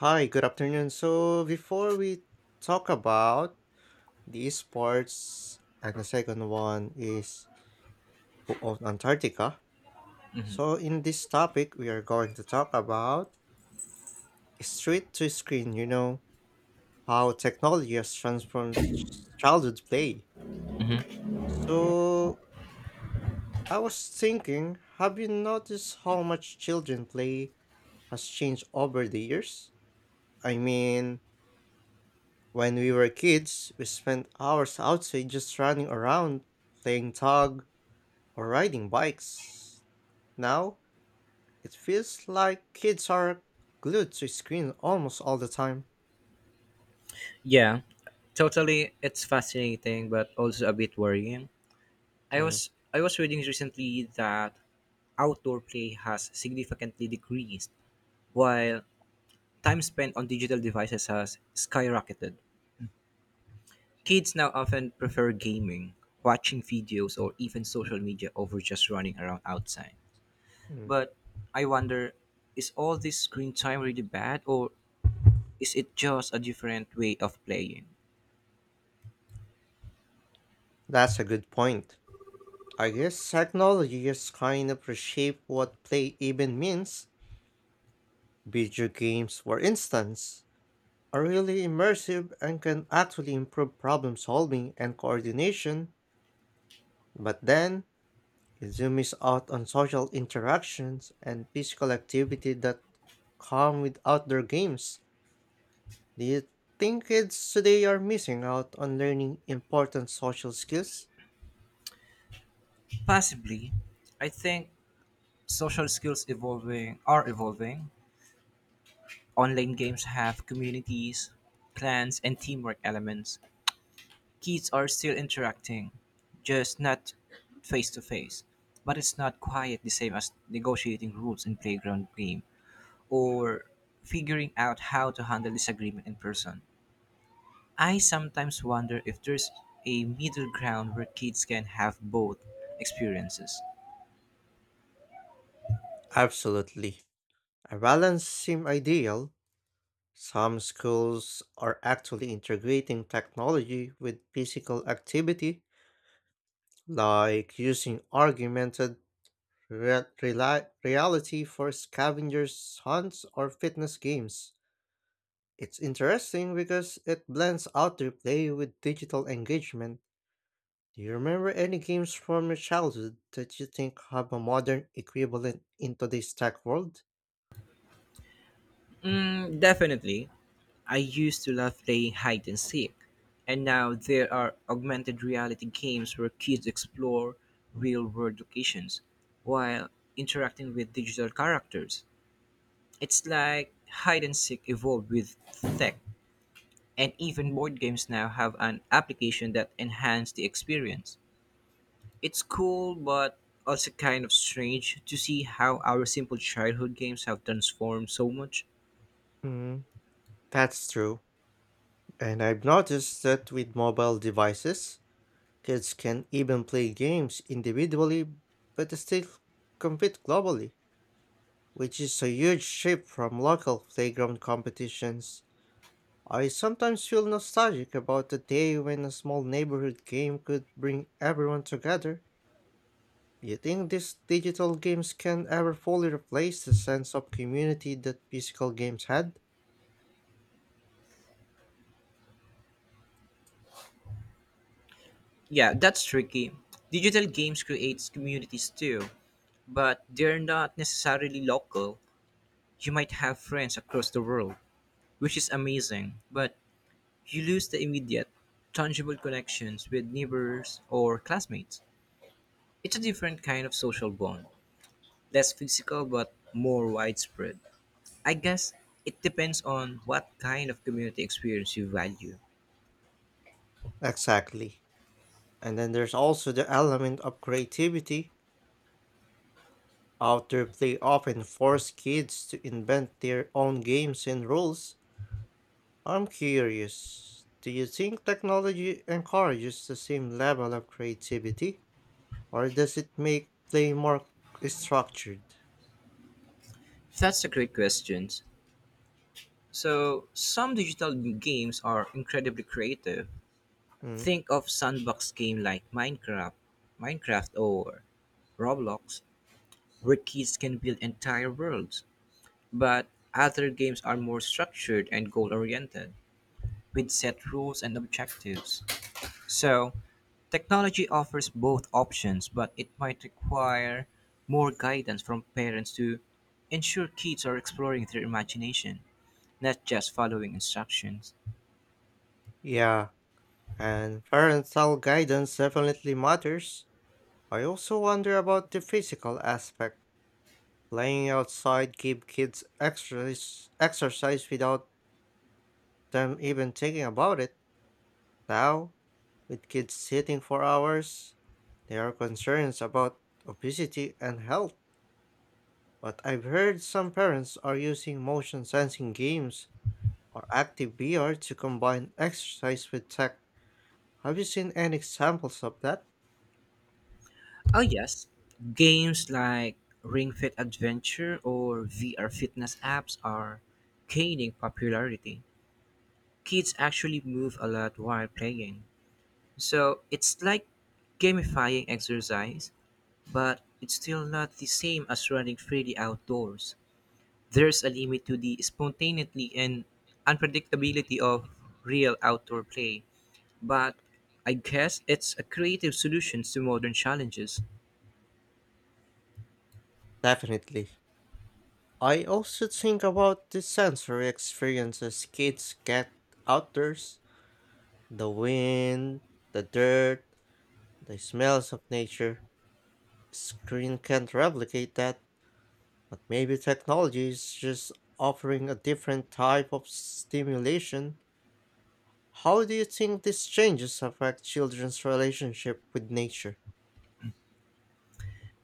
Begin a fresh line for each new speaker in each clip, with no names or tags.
Hi, good afternoon. So before we talk about the sports, and the second one is who owned Antarctica. So in this topic, we are going to talk about street to screen, how technology has transformed childhood play. So I was thinking, have you noticed how much children play has changed over the years? I mean, When we were kids, we spent hours outside just running around, playing tag, or riding bikes. Now, it feels like kids are glued to screen almost all the time.
Yeah, totally. It's fascinating, but also a bit worrying. I
Mm,
was I was reading recently that outdoor play has significantly decreased, while time spent on digital devices has skyrocketed. Kids now often prefer gaming, watching videos, or even social media over just running around outside.
mm.
But I wonder, is all this screen time really bad, or is it just a different way of playing?
That's a good point. I guess technology has kind of reshaped what play even means. Video games, for instance, are really immersive and can actually improve problem solving and coordination. But then, you do miss out on social interactions and physical activity that come with outdoor games. Do you think kids today are missing out on learning important social skills?
Possibly. I think social skills evolving are evolving. Online games have communities, clans, and teamwork elements. Kids are still interacting, just not face to face. But it's not quite the same as negotiating rules in playground game or figuring out how to handle disagreement in person. I sometimes wonder if there's a middle ground where kids can have both experiences.
Absolutely. A balance seems ideal. Some schools are actually integrating technology with physical activity, like using augmented reality for scavengers hunts or fitness games. It's interesting because it blends outdoor play with digital engagement. Do you remember any games from your childhood that you think have a modern equivalent in today's tech world?
Mm, definitely. I used to love playing hide and seek, and now there are augmented reality games where kids explore real world locations while interacting with digital characters. It's like hide and seek evolved with tech, and even board games now have an application that enhance the experience. It's cool, but also kind of strange to see how our simple childhood games have transformed so much.
Hmm, that's true. And I've noticed that with mobile devices, kids can even play games individually but still compete globally, which is a huge shift from local playground competitions. I sometimes feel nostalgic about the day when a small neighborhood game could bring everyone together. Do you think these digital games can ever fully replace the sense of community that physical games had?
Yeah, that's tricky. Digital games creates communities too, but they're not necessarily local. You might have friends across the world, which is amazing, but you lose the immediate, tangible connections with neighbors or classmates. It's a different kind of social bond, less physical but more widespread. I guess it depends on what kind of community experience you value.
Exactly. And then there's also the element of creativity. Outdoor play often force kids to invent their own games and rules. I'm curious, do you think technology encourages the same level of creativity? Or does it make play more structured?
That's a great question. So, some digital games are incredibly creative.
Mm,
Think of sandbox game like Minecraft or Roblox, where kids can build entire worlds. But other games are more structured and goal oriented, with set rules and objectives. So, technology offers both options, but it might require more guidance from parents to ensure kids are exploring their imagination, not just following instructions.
yeah, and parental guidance definitely matters. I also wonder about the physical aspect. Playing outside give kids exercise without them even thinking about it. Now, with kids sitting for hours, there are concerns about obesity and health. But I've heard some parents are using motion sensing games or active VR to combine exercise with tech. Have you seen any examples of that?
Oh, yes. Games like Ring Fit Adventure or VR fitness apps are gaining popularity. Kids actually move a lot while playing. So it's like gamifying exercise, but it's still not the same as running freely outdoors. There's a limit to the spontaneity and unpredictability of real outdoor play, but I guess it's a creative solution to modern challenges.
Definitely. I also think about the sensory experiences kids get outdoors, the wind, the dirt, the smells of nature. Screen can't replicate that, but maybe technology is just offering a different type of stimulation. How do you think these changes affect children's relationship with nature?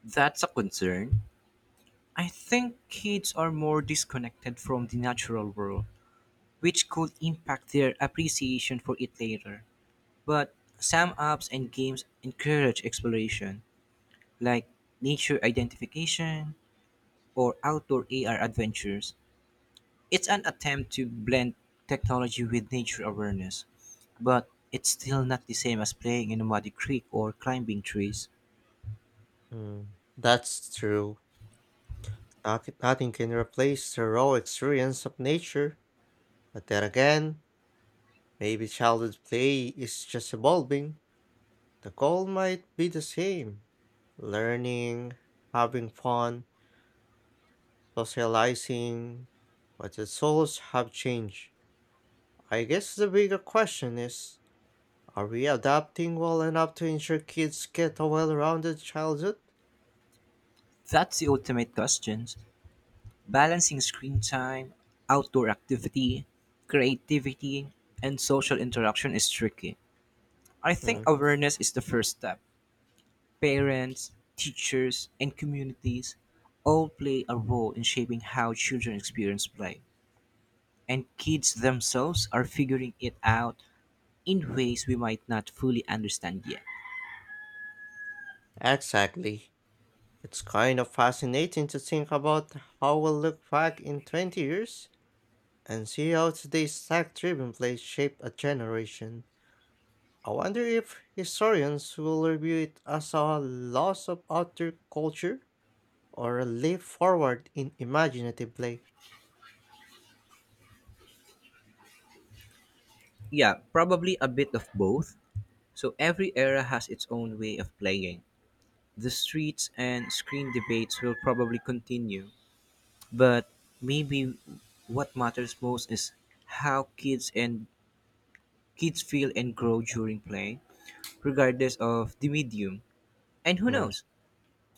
That's a concern. I think kids are more disconnected from the natural world, which could impact their appreciation for it later. But some apps and games encourage exploration, like nature identification or outdoor AR adventures. It's an attempt to blend technology with nature awareness, but it's still not the same as playing in a muddy creek or climbing trees.
Mm, that's true. Nothing can replace the raw experience of nature, but then again, maybe childhood play is just evolving. The goal might be the same: learning, having fun, socializing, but the souls have changed. I guess the bigger question is, are we adapting well enough to ensure kids get a well rounded childhood?
That's the ultimate question. Balancing screen time, outdoor activity, creativity, and social interaction is tricky. I think
Mm,
awareness is the first step. Parents, teachers, and communities all play a role in shaping how children experience play, and kids themselves are figuring it out in ways we might not fully understand yet.
Exactly. It's kind of fascinating to think about how we'll look back in 20 years and see how today's tech driven plays shape a generation. I wonder if historians will review it as a loss of outer culture or a leap forward in imaginative play.
Yeah, probably a bit of both. So every era has its own way of playing. The streets and screen debates will probably continue, but maybe what matters most is how kids feel and grow during play, regardless of the medium. And who
Mm,
knows?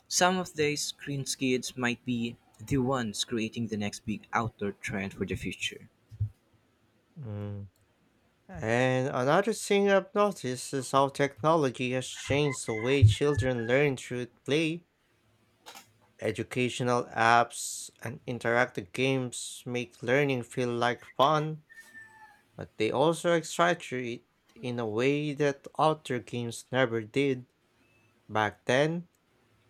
Some of these screen kids might be the ones creating the next big outdoor trend for the future.
mm. And another thing I've noticed is how technology has changed the way children learn through play. Educational apps and interactive games make learning feel like fun, but they also excite it in a way that other games never did. Back then,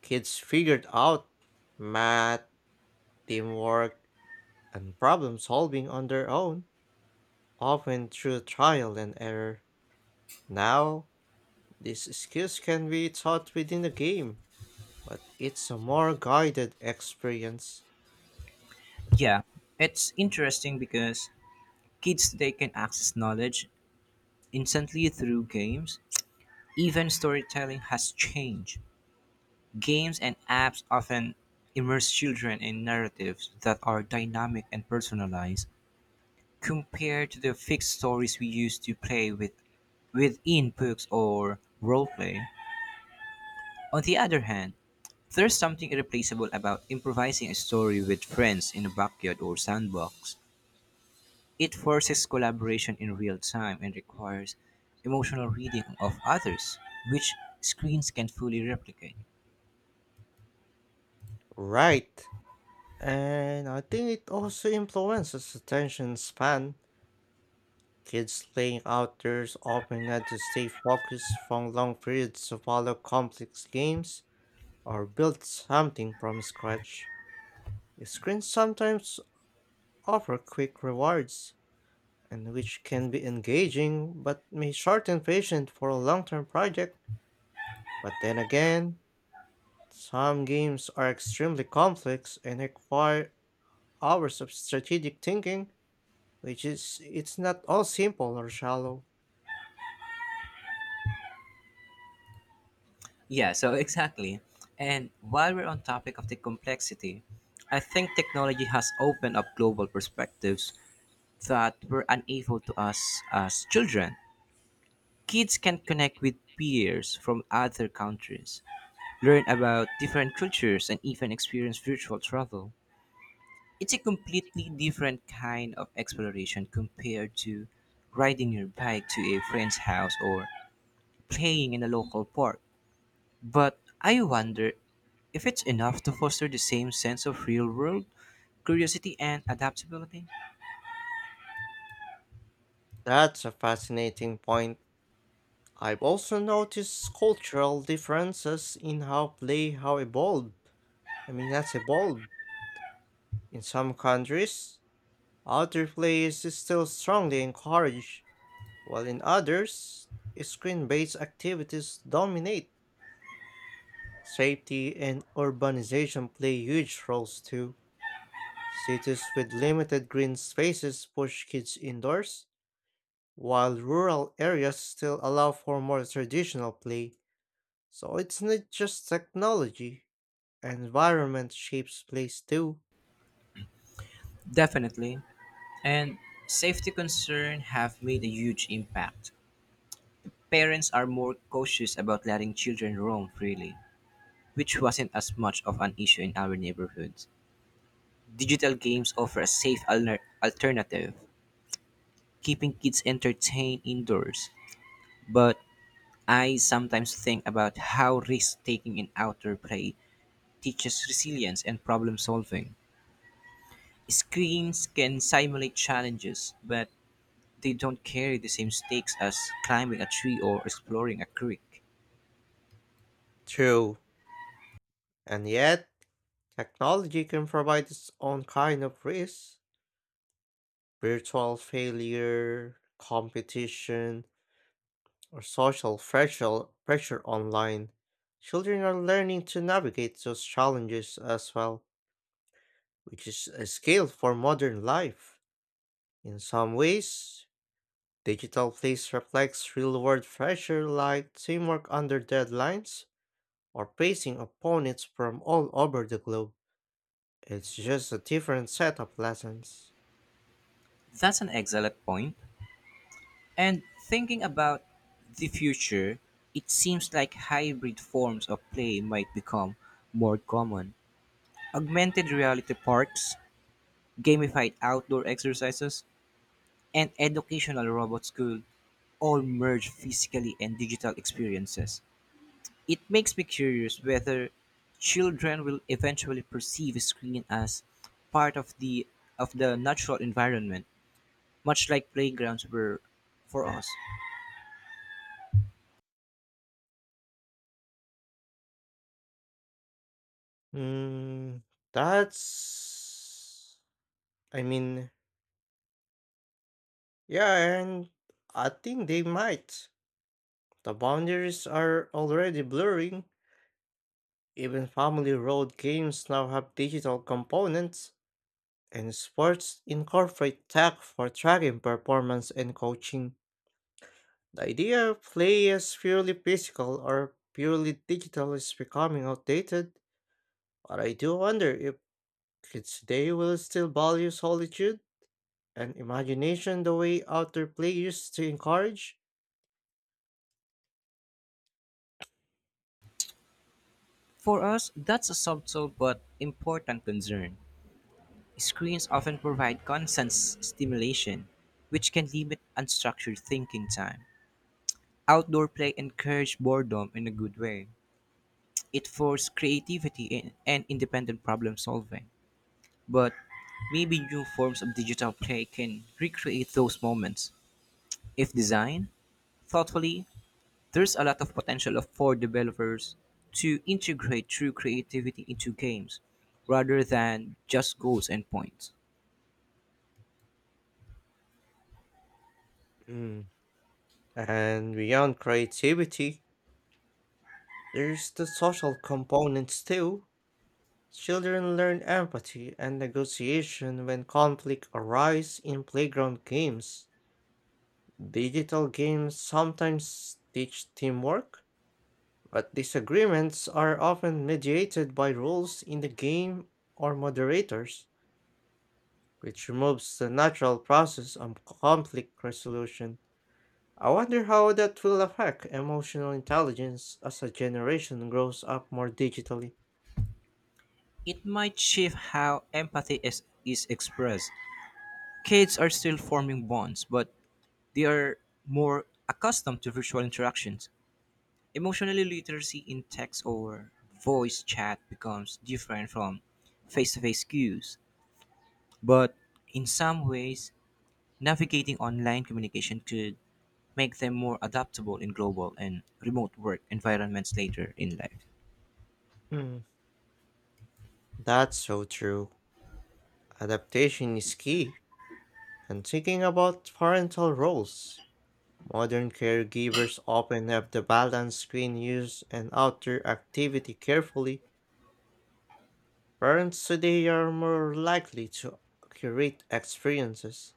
kids figured out math, teamwork, and problem solving on their own, often through trial and error. Now, these skills can be taught within a game, but it's a more guided experience.
Yeah, it's interesting because kids today can access knowledge instantly through games. Even storytelling has changed. Games and apps often immerse children in narratives that are dynamic and personalized, compared to the fixed stories we used to play with within books or roleplay. On the other hand, there's something irreplaceable about improvising a story with friends in a backyard or sandbox. It forces collaboration in real time and requires emotional reading of others, which screens can fully replicate.
Right. And I think it also influences attention span. Kids playing outdoors often had to stay focused for long periods to follow complex games or build something from scratch. Screens sometimes offer quick rewards, and which can be engaging but may shorten patience for a long-term project. But then again, some games are extremely complex and require hours of strategic thinking, which is, it's not all simple or shallow.
Yeah, so exactly. And while we're on topic of the complexity, I think technology has opened up global perspectives that were unable to us as children. Kids can connect with peers from other countries, learn about different cultures, and even experience virtual travel. It's a completely different kind of exploration compared to riding your bike to a friend's house or playing in a local park. But I wonder if it's enough to foster the same sense of real world curiosity and adaptability.
That's a fascinating point. I've also noticed cultural differences in how play how evolved. I mean, that's evolved. In some countries, outdoor play is still strongly encouraged, while in others, screen-based activities dominate. Safety and urbanization play huge roles too. Cities with limited green spaces push kids indoors, while rural areas still allow for more traditional play. So it's not just technology. Environment shapes place too.
Definitely. And safety concerns have made a huge impact. Parents are more cautious about letting children roam freely, which wasn't as much of an issue in our neighborhoods. Digital games offer a safe alternative, keeping kids entertained indoors. But I sometimes think about how risk taking in outdoor play teaches resilience and problem solving. Screens can simulate challenges, but they don't carry the same stakes as climbing a tree or exploring a creek.
True. And yet, technology can provide its own kind of risk. Virtual failure, competition, or social pressure online. Children are learning to navigate those challenges as well, which is a skill for modern life. In some ways, digital place reflects real world pressure like teamwork under deadlines or facing opponents from all over the globe. It's just a different set of lessons.
That's an excellent point. And thinking about the future, it seems like hybrid forms of play might become more common. Augmented reality parks, gamified outdoor exercises, and educational robots could all merge physically and digital experiences. It makes me curious whether children will eventually perceive a screen as part of the natural environment, much like playgrounds were for us.
Hmm, that's. I mean, yeah, and I think they might. The boundaries are already blurring. Even family road games now have digital components, and sports incorporate tech for tracking performance and coaching. The idea of play as purely physical or purely digital is becoming outdated. But I do wonder if kids today will still value solitude and imagination the way outdoor play used to encourage.
For us, that's a subtle but important concern. Screens often provide constant stimulation, which can limit unstructured thinking time. Outdoor play encouraged boredom in a good way. It forced creativity and independent problem solving. But maybe new forms of digital play can recreate those moments. If designed thoughtfully, there's a lot of potential for developers to integrate true creativity into games rather than just goals and points.
Mm. And beyond creativity, there's the social components too. Children learn empathy and negotiation when conflict arise in playground games. Digital games sometimes teach teamwork, but disagreements are often mediated by rules in the game or moderators, which removes the natural process of conflict resolution. I wonder how that will affect emotional intelligence as a generation grows up more digitally.
It might shift how empathy is expressed. Kids are still forming bonds, but they are more accustomed to virtual interactions. Emotional literacy in text or voice chat becomes different from face to face cues, but in some ways, navigating online communication could make them more adaptable in global and remote work environments later in life.
Hmm, that's so true. Adaptation is key. And thinking about parental roles, modern caregivers often have to balance screen use and outdoor activity carefully. Parents today are more likely to curate experiences,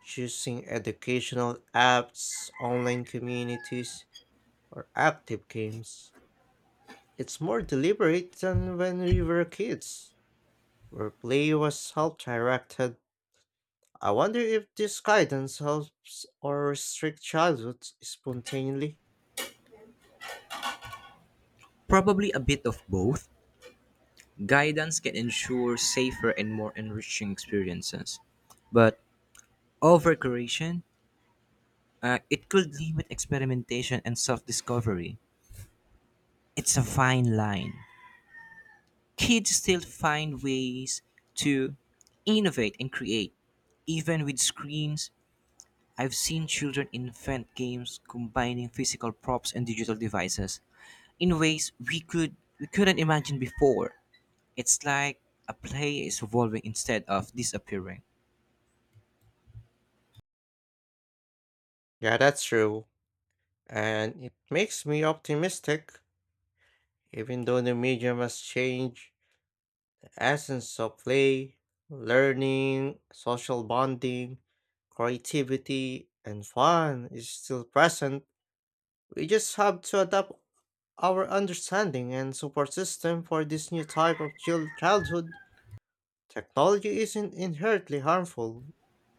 choosing educational apps, online communities, or active games. It's more deliberate than when we were kids, where play was self directed. I wonder if this guidance helps or restricts childhood spontaneously.
Probably a bit of both. Guidance can ensure safer and more enriching experiences, but overcorrection, it could limit experimentation and self discovery. It's a fine line. Kids still find ways to innovate and create, even with screens. I've seen children invent games combining physical props and digital devices in ways we couldn't imagine before. It's like a play is evolving instead of disappearing.
Yeah, that's true. And it makes me optimistic, even though the medium has changed. Essence of play, learning, social bonding, creativity, and fun is still present. We just have to adapt our understanding and support system for this new type of childhood. Technology isn't inherently harmful.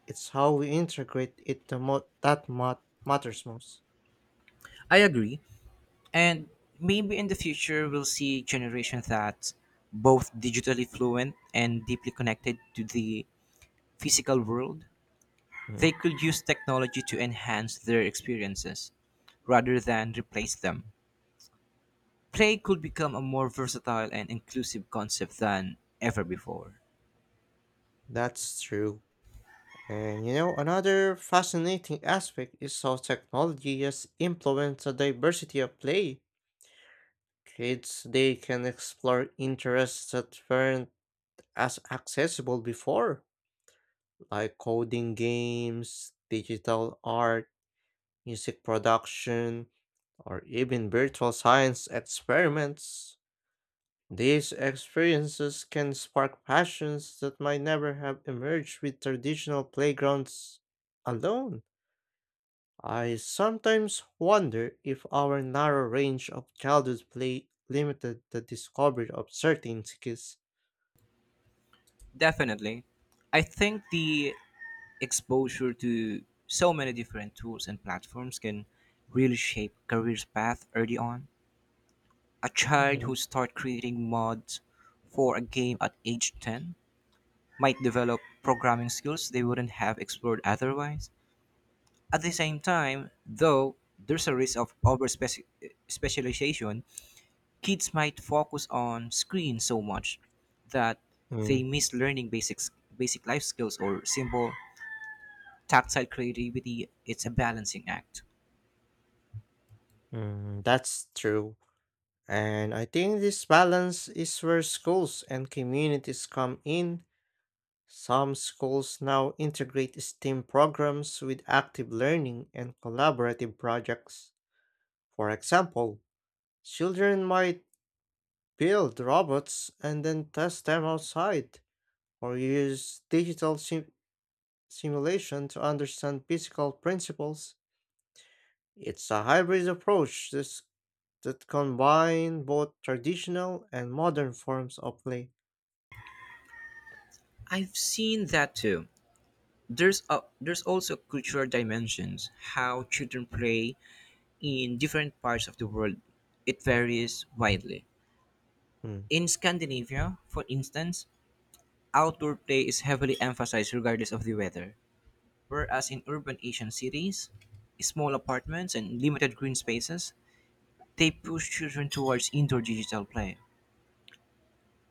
It's how we integrate it that matters most.
I agree, and maybe in the future we'll see generations that both digitally fluent and deeply connected to the physical world. They
Mhm.
could use technology to enhance their experiences rather than replace them. Play could become a more versatile and inclusive concept than ever before.
That's true. And another fascinating aspect is how technology has influenced the diversity of play. Kids, they can explore interests that weren't as accessible before, like coding games, digital art, music production, or even virtual science experiments. These experiences can spark passions that might never have emerged with traditional playgrounds alone. I sometimes wonder if our narrow range of childhood play limited the discovery of certain skills.
Definitely. I think the exposure to so many different tools and platforms can really shape career's path early on. A child who
Mhm.
starts creating mods for a game at age 10 might develop programming skills they wouldn't have explored otherwise. At the same time, though, there's a risk of over specialization, kids might focus on screens so much that
Mm,
they miss learning basic life skills or simple tactile creativity. It's a balancing act.
that's true. And I think this balance is where schools and communities come in. Some schools now integrate STEAM programs with active learning and collaborative projects. For example, children might build robots and then test them outside, or use digital simulation to understand physical principles. It's a hybrid approach that combines both traditional and modern forms of play.
I've seen that too. There's also cultural dimensions. How children play in different parts of the world, it varies widely.
Mm,
In Scandinavia, for instance, outdoor play is heavily emphasized regardless of the weather. Whereas in urban Asian cities, small apartments and limited green spaces, they push children towards indoor digital play.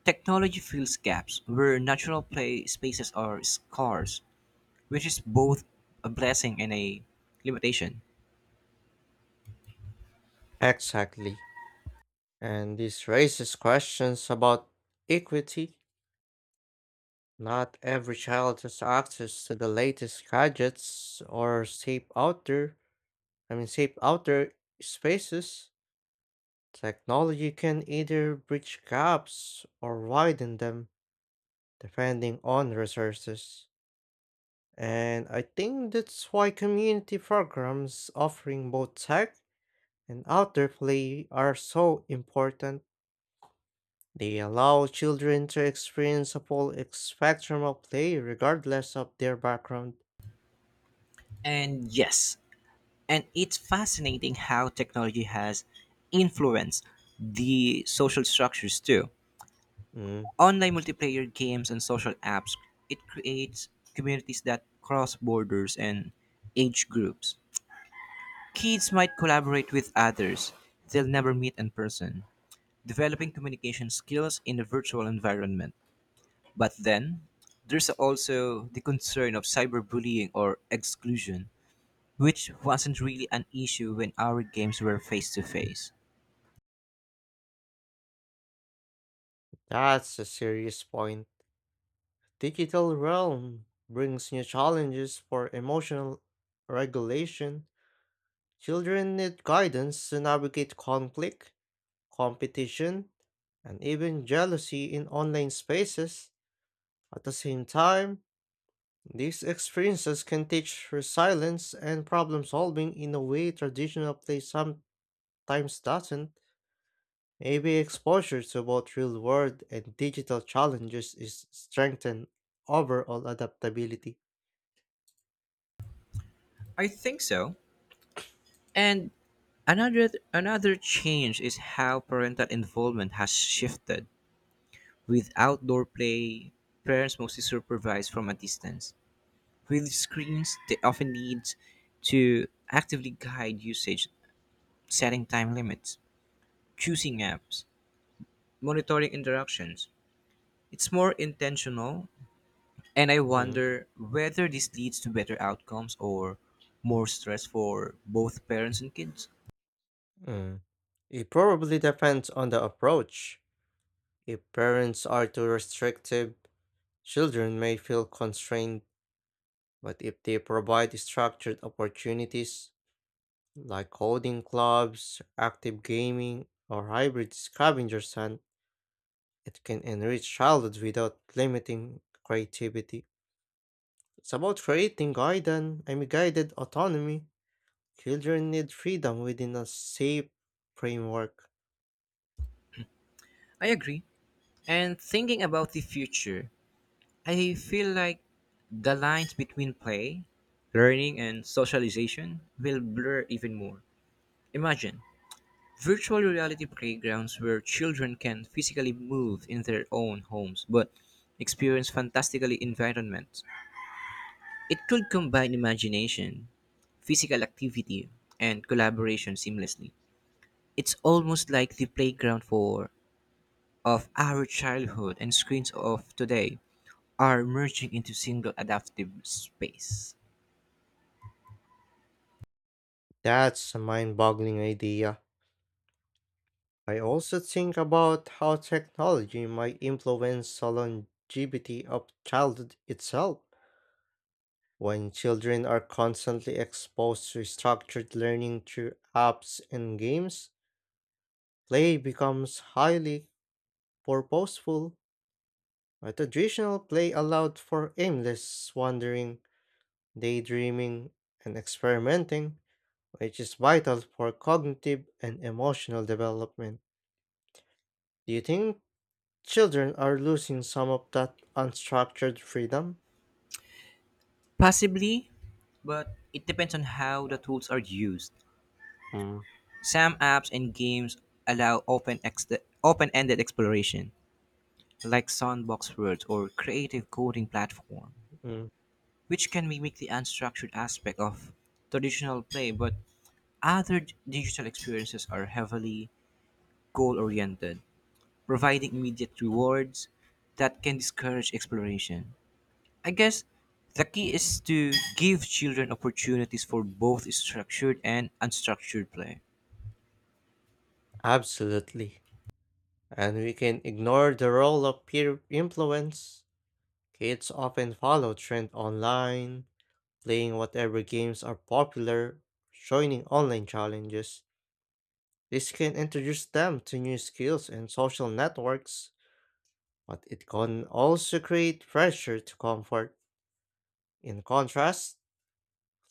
Technology fills gaps where natural play spaces are scarce, which is both a blessing and a limitation.
Exactly. And this raises questions about equity. Not every child has access to the latest gadgets or safe outdoor spaces. Technology can either bridge gaps or widen them, depending on resources. And I think that's why community programs offering both tech and outdoor play are so important. They allow children to experience a full spectrum of play regardless of their background.
And yes, and it's fascinating how technology has influenced the social structures too.
Mm,
Online multiplayer games and social apps, it creates communities that cross borders and age groups. Kids might collaborate with others they'll never meet in person, developing communication skills in a virtual environment. But then, there's also the concern of cyberbullying or exclusion, which wasn't really an issue when our games were face to face.
that's a serious point. Digital realm brings new challenges for emotional regulation. Children need guidance to navigate conflict, competition, and even jealousy in online spaces. At the same time, these experiences can teach resilience and problem solving in a way traditional play sometimes doesn't. Maybe exposure to both real world and digital challenges is strengthened overall adaptability.
I think so. And another change is how parental involvement has shifted. With outdoor play, parents mostly supervise from a distance. With screens, they often need to actively guide usage, setting time limits, choosing apps, monitoring interactions. It's more intentional, and I
Mm,
wonder whether this leads to better outcomes or more stress for both parents and kids.
mm. It probably depends on the approach. If parents are too restrictive, children may feel constrained, but if they provide structured opportunities like coding clubs, active gaming, or hybrid scavenger hunt, it can enrich childhood without limiting creativity. It's about creating guidance, I mean guided autonomy. Children need freedom within a safe framework.
I agree. And thinking about the future, I feel like the lines between play, learning, and socialization will blur even more. Imagine virtual reality playgrounds where children can physically move in their own homes but experience fantastically environments. It could combine imagination, physical activity, and collaboration seamlessly. It's almost like the playground for of our childhood and screens of today are merging into single adaptive space.
That's a mind-boggling idea. I also think about how technology might influence the longevity of childhood itself. When children are constantly exposed to structured learning through apps and games, play becomes highly purposeful. A traditional play allowed for aimless wandering, daydreaming, and experimenting, which is vital for cognitive and emotional development. Do you think children are losing some of that unstructured freedom?
Possibly, but it depends on how the tools are used.
Mm,
Some apps and games allow open-ended exploration, like sandbox worlds or creative coding platform,
Mm,
which can mimic the unstructured aspect of traditional play, but other digital experiences are heavily goal-oriented, providing immediate rewards that can discourage exploration. I guess the key is to give children opportunities for both structured and unstructured play.
absolutely. And we can ignore the role of peer influence. Kids often follow trend online, playing whatever games are popular, joining online challenges. This can introduce them to new skills and social networks, but it can also create pressure to comfort. In contrast,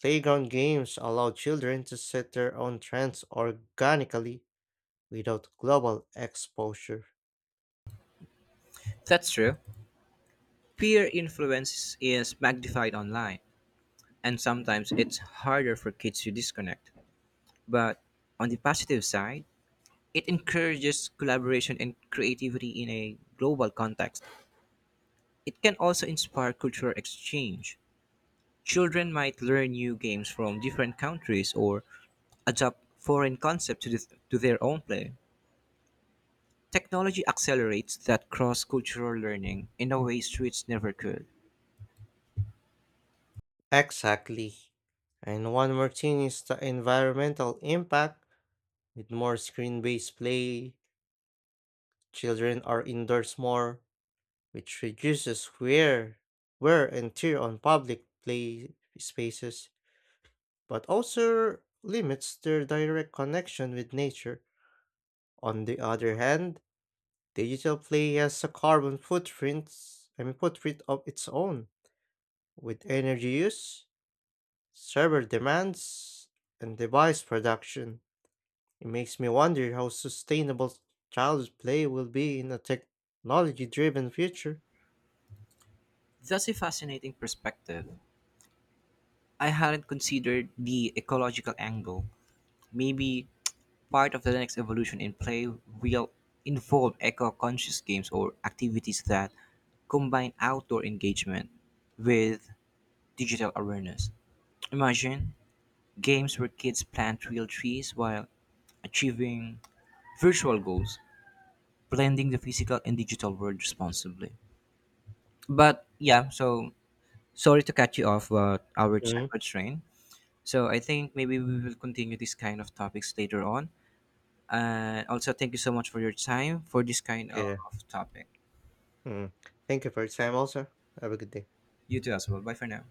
playground games allow children to set their own trends organically without global exposure.
That's true. Peer influence is magnified online, and sometimes it's harder for kids to disconnect. But on the positive side, it encourages collaboration and creativity in a global context. It can also inspire cultural exchange. Children might learn new games from different countries or adopt foreign concepts to their own play. Technology accelerates that cross cultural learning in a way streets never could.
Exactly. And one more thing is the environmental impact. With more screen based play, children are indoors more, which reduces wear and tear on public play spaces, but also limits their direct connection with nature. On the other hand, digital play has a carbon footprint. I mean footprint of its own, with energy use, server demands, and device production. It makes me wonder how sustainable child's play will be in a technology driven future.
That's a fascinating perspective. I hadn't considered the ecological angle. Maybe part of the next evolution in play will involve eco conscious games or activities that combine outdoor engagement with digital awareness. Imagine games where kids plant real trees while achieving virtual goals, blending the physical and digital world responsibly. But yeah, so sorry to cut you off but our
Mhm.
childhood train. So I think maybe we will continue this kind of topics later on. And also, thank you so much for your time for this kind of
Yeah.
topic.
Mm. Thank you for your time also. Have a good day.
You too as well. Bye for now.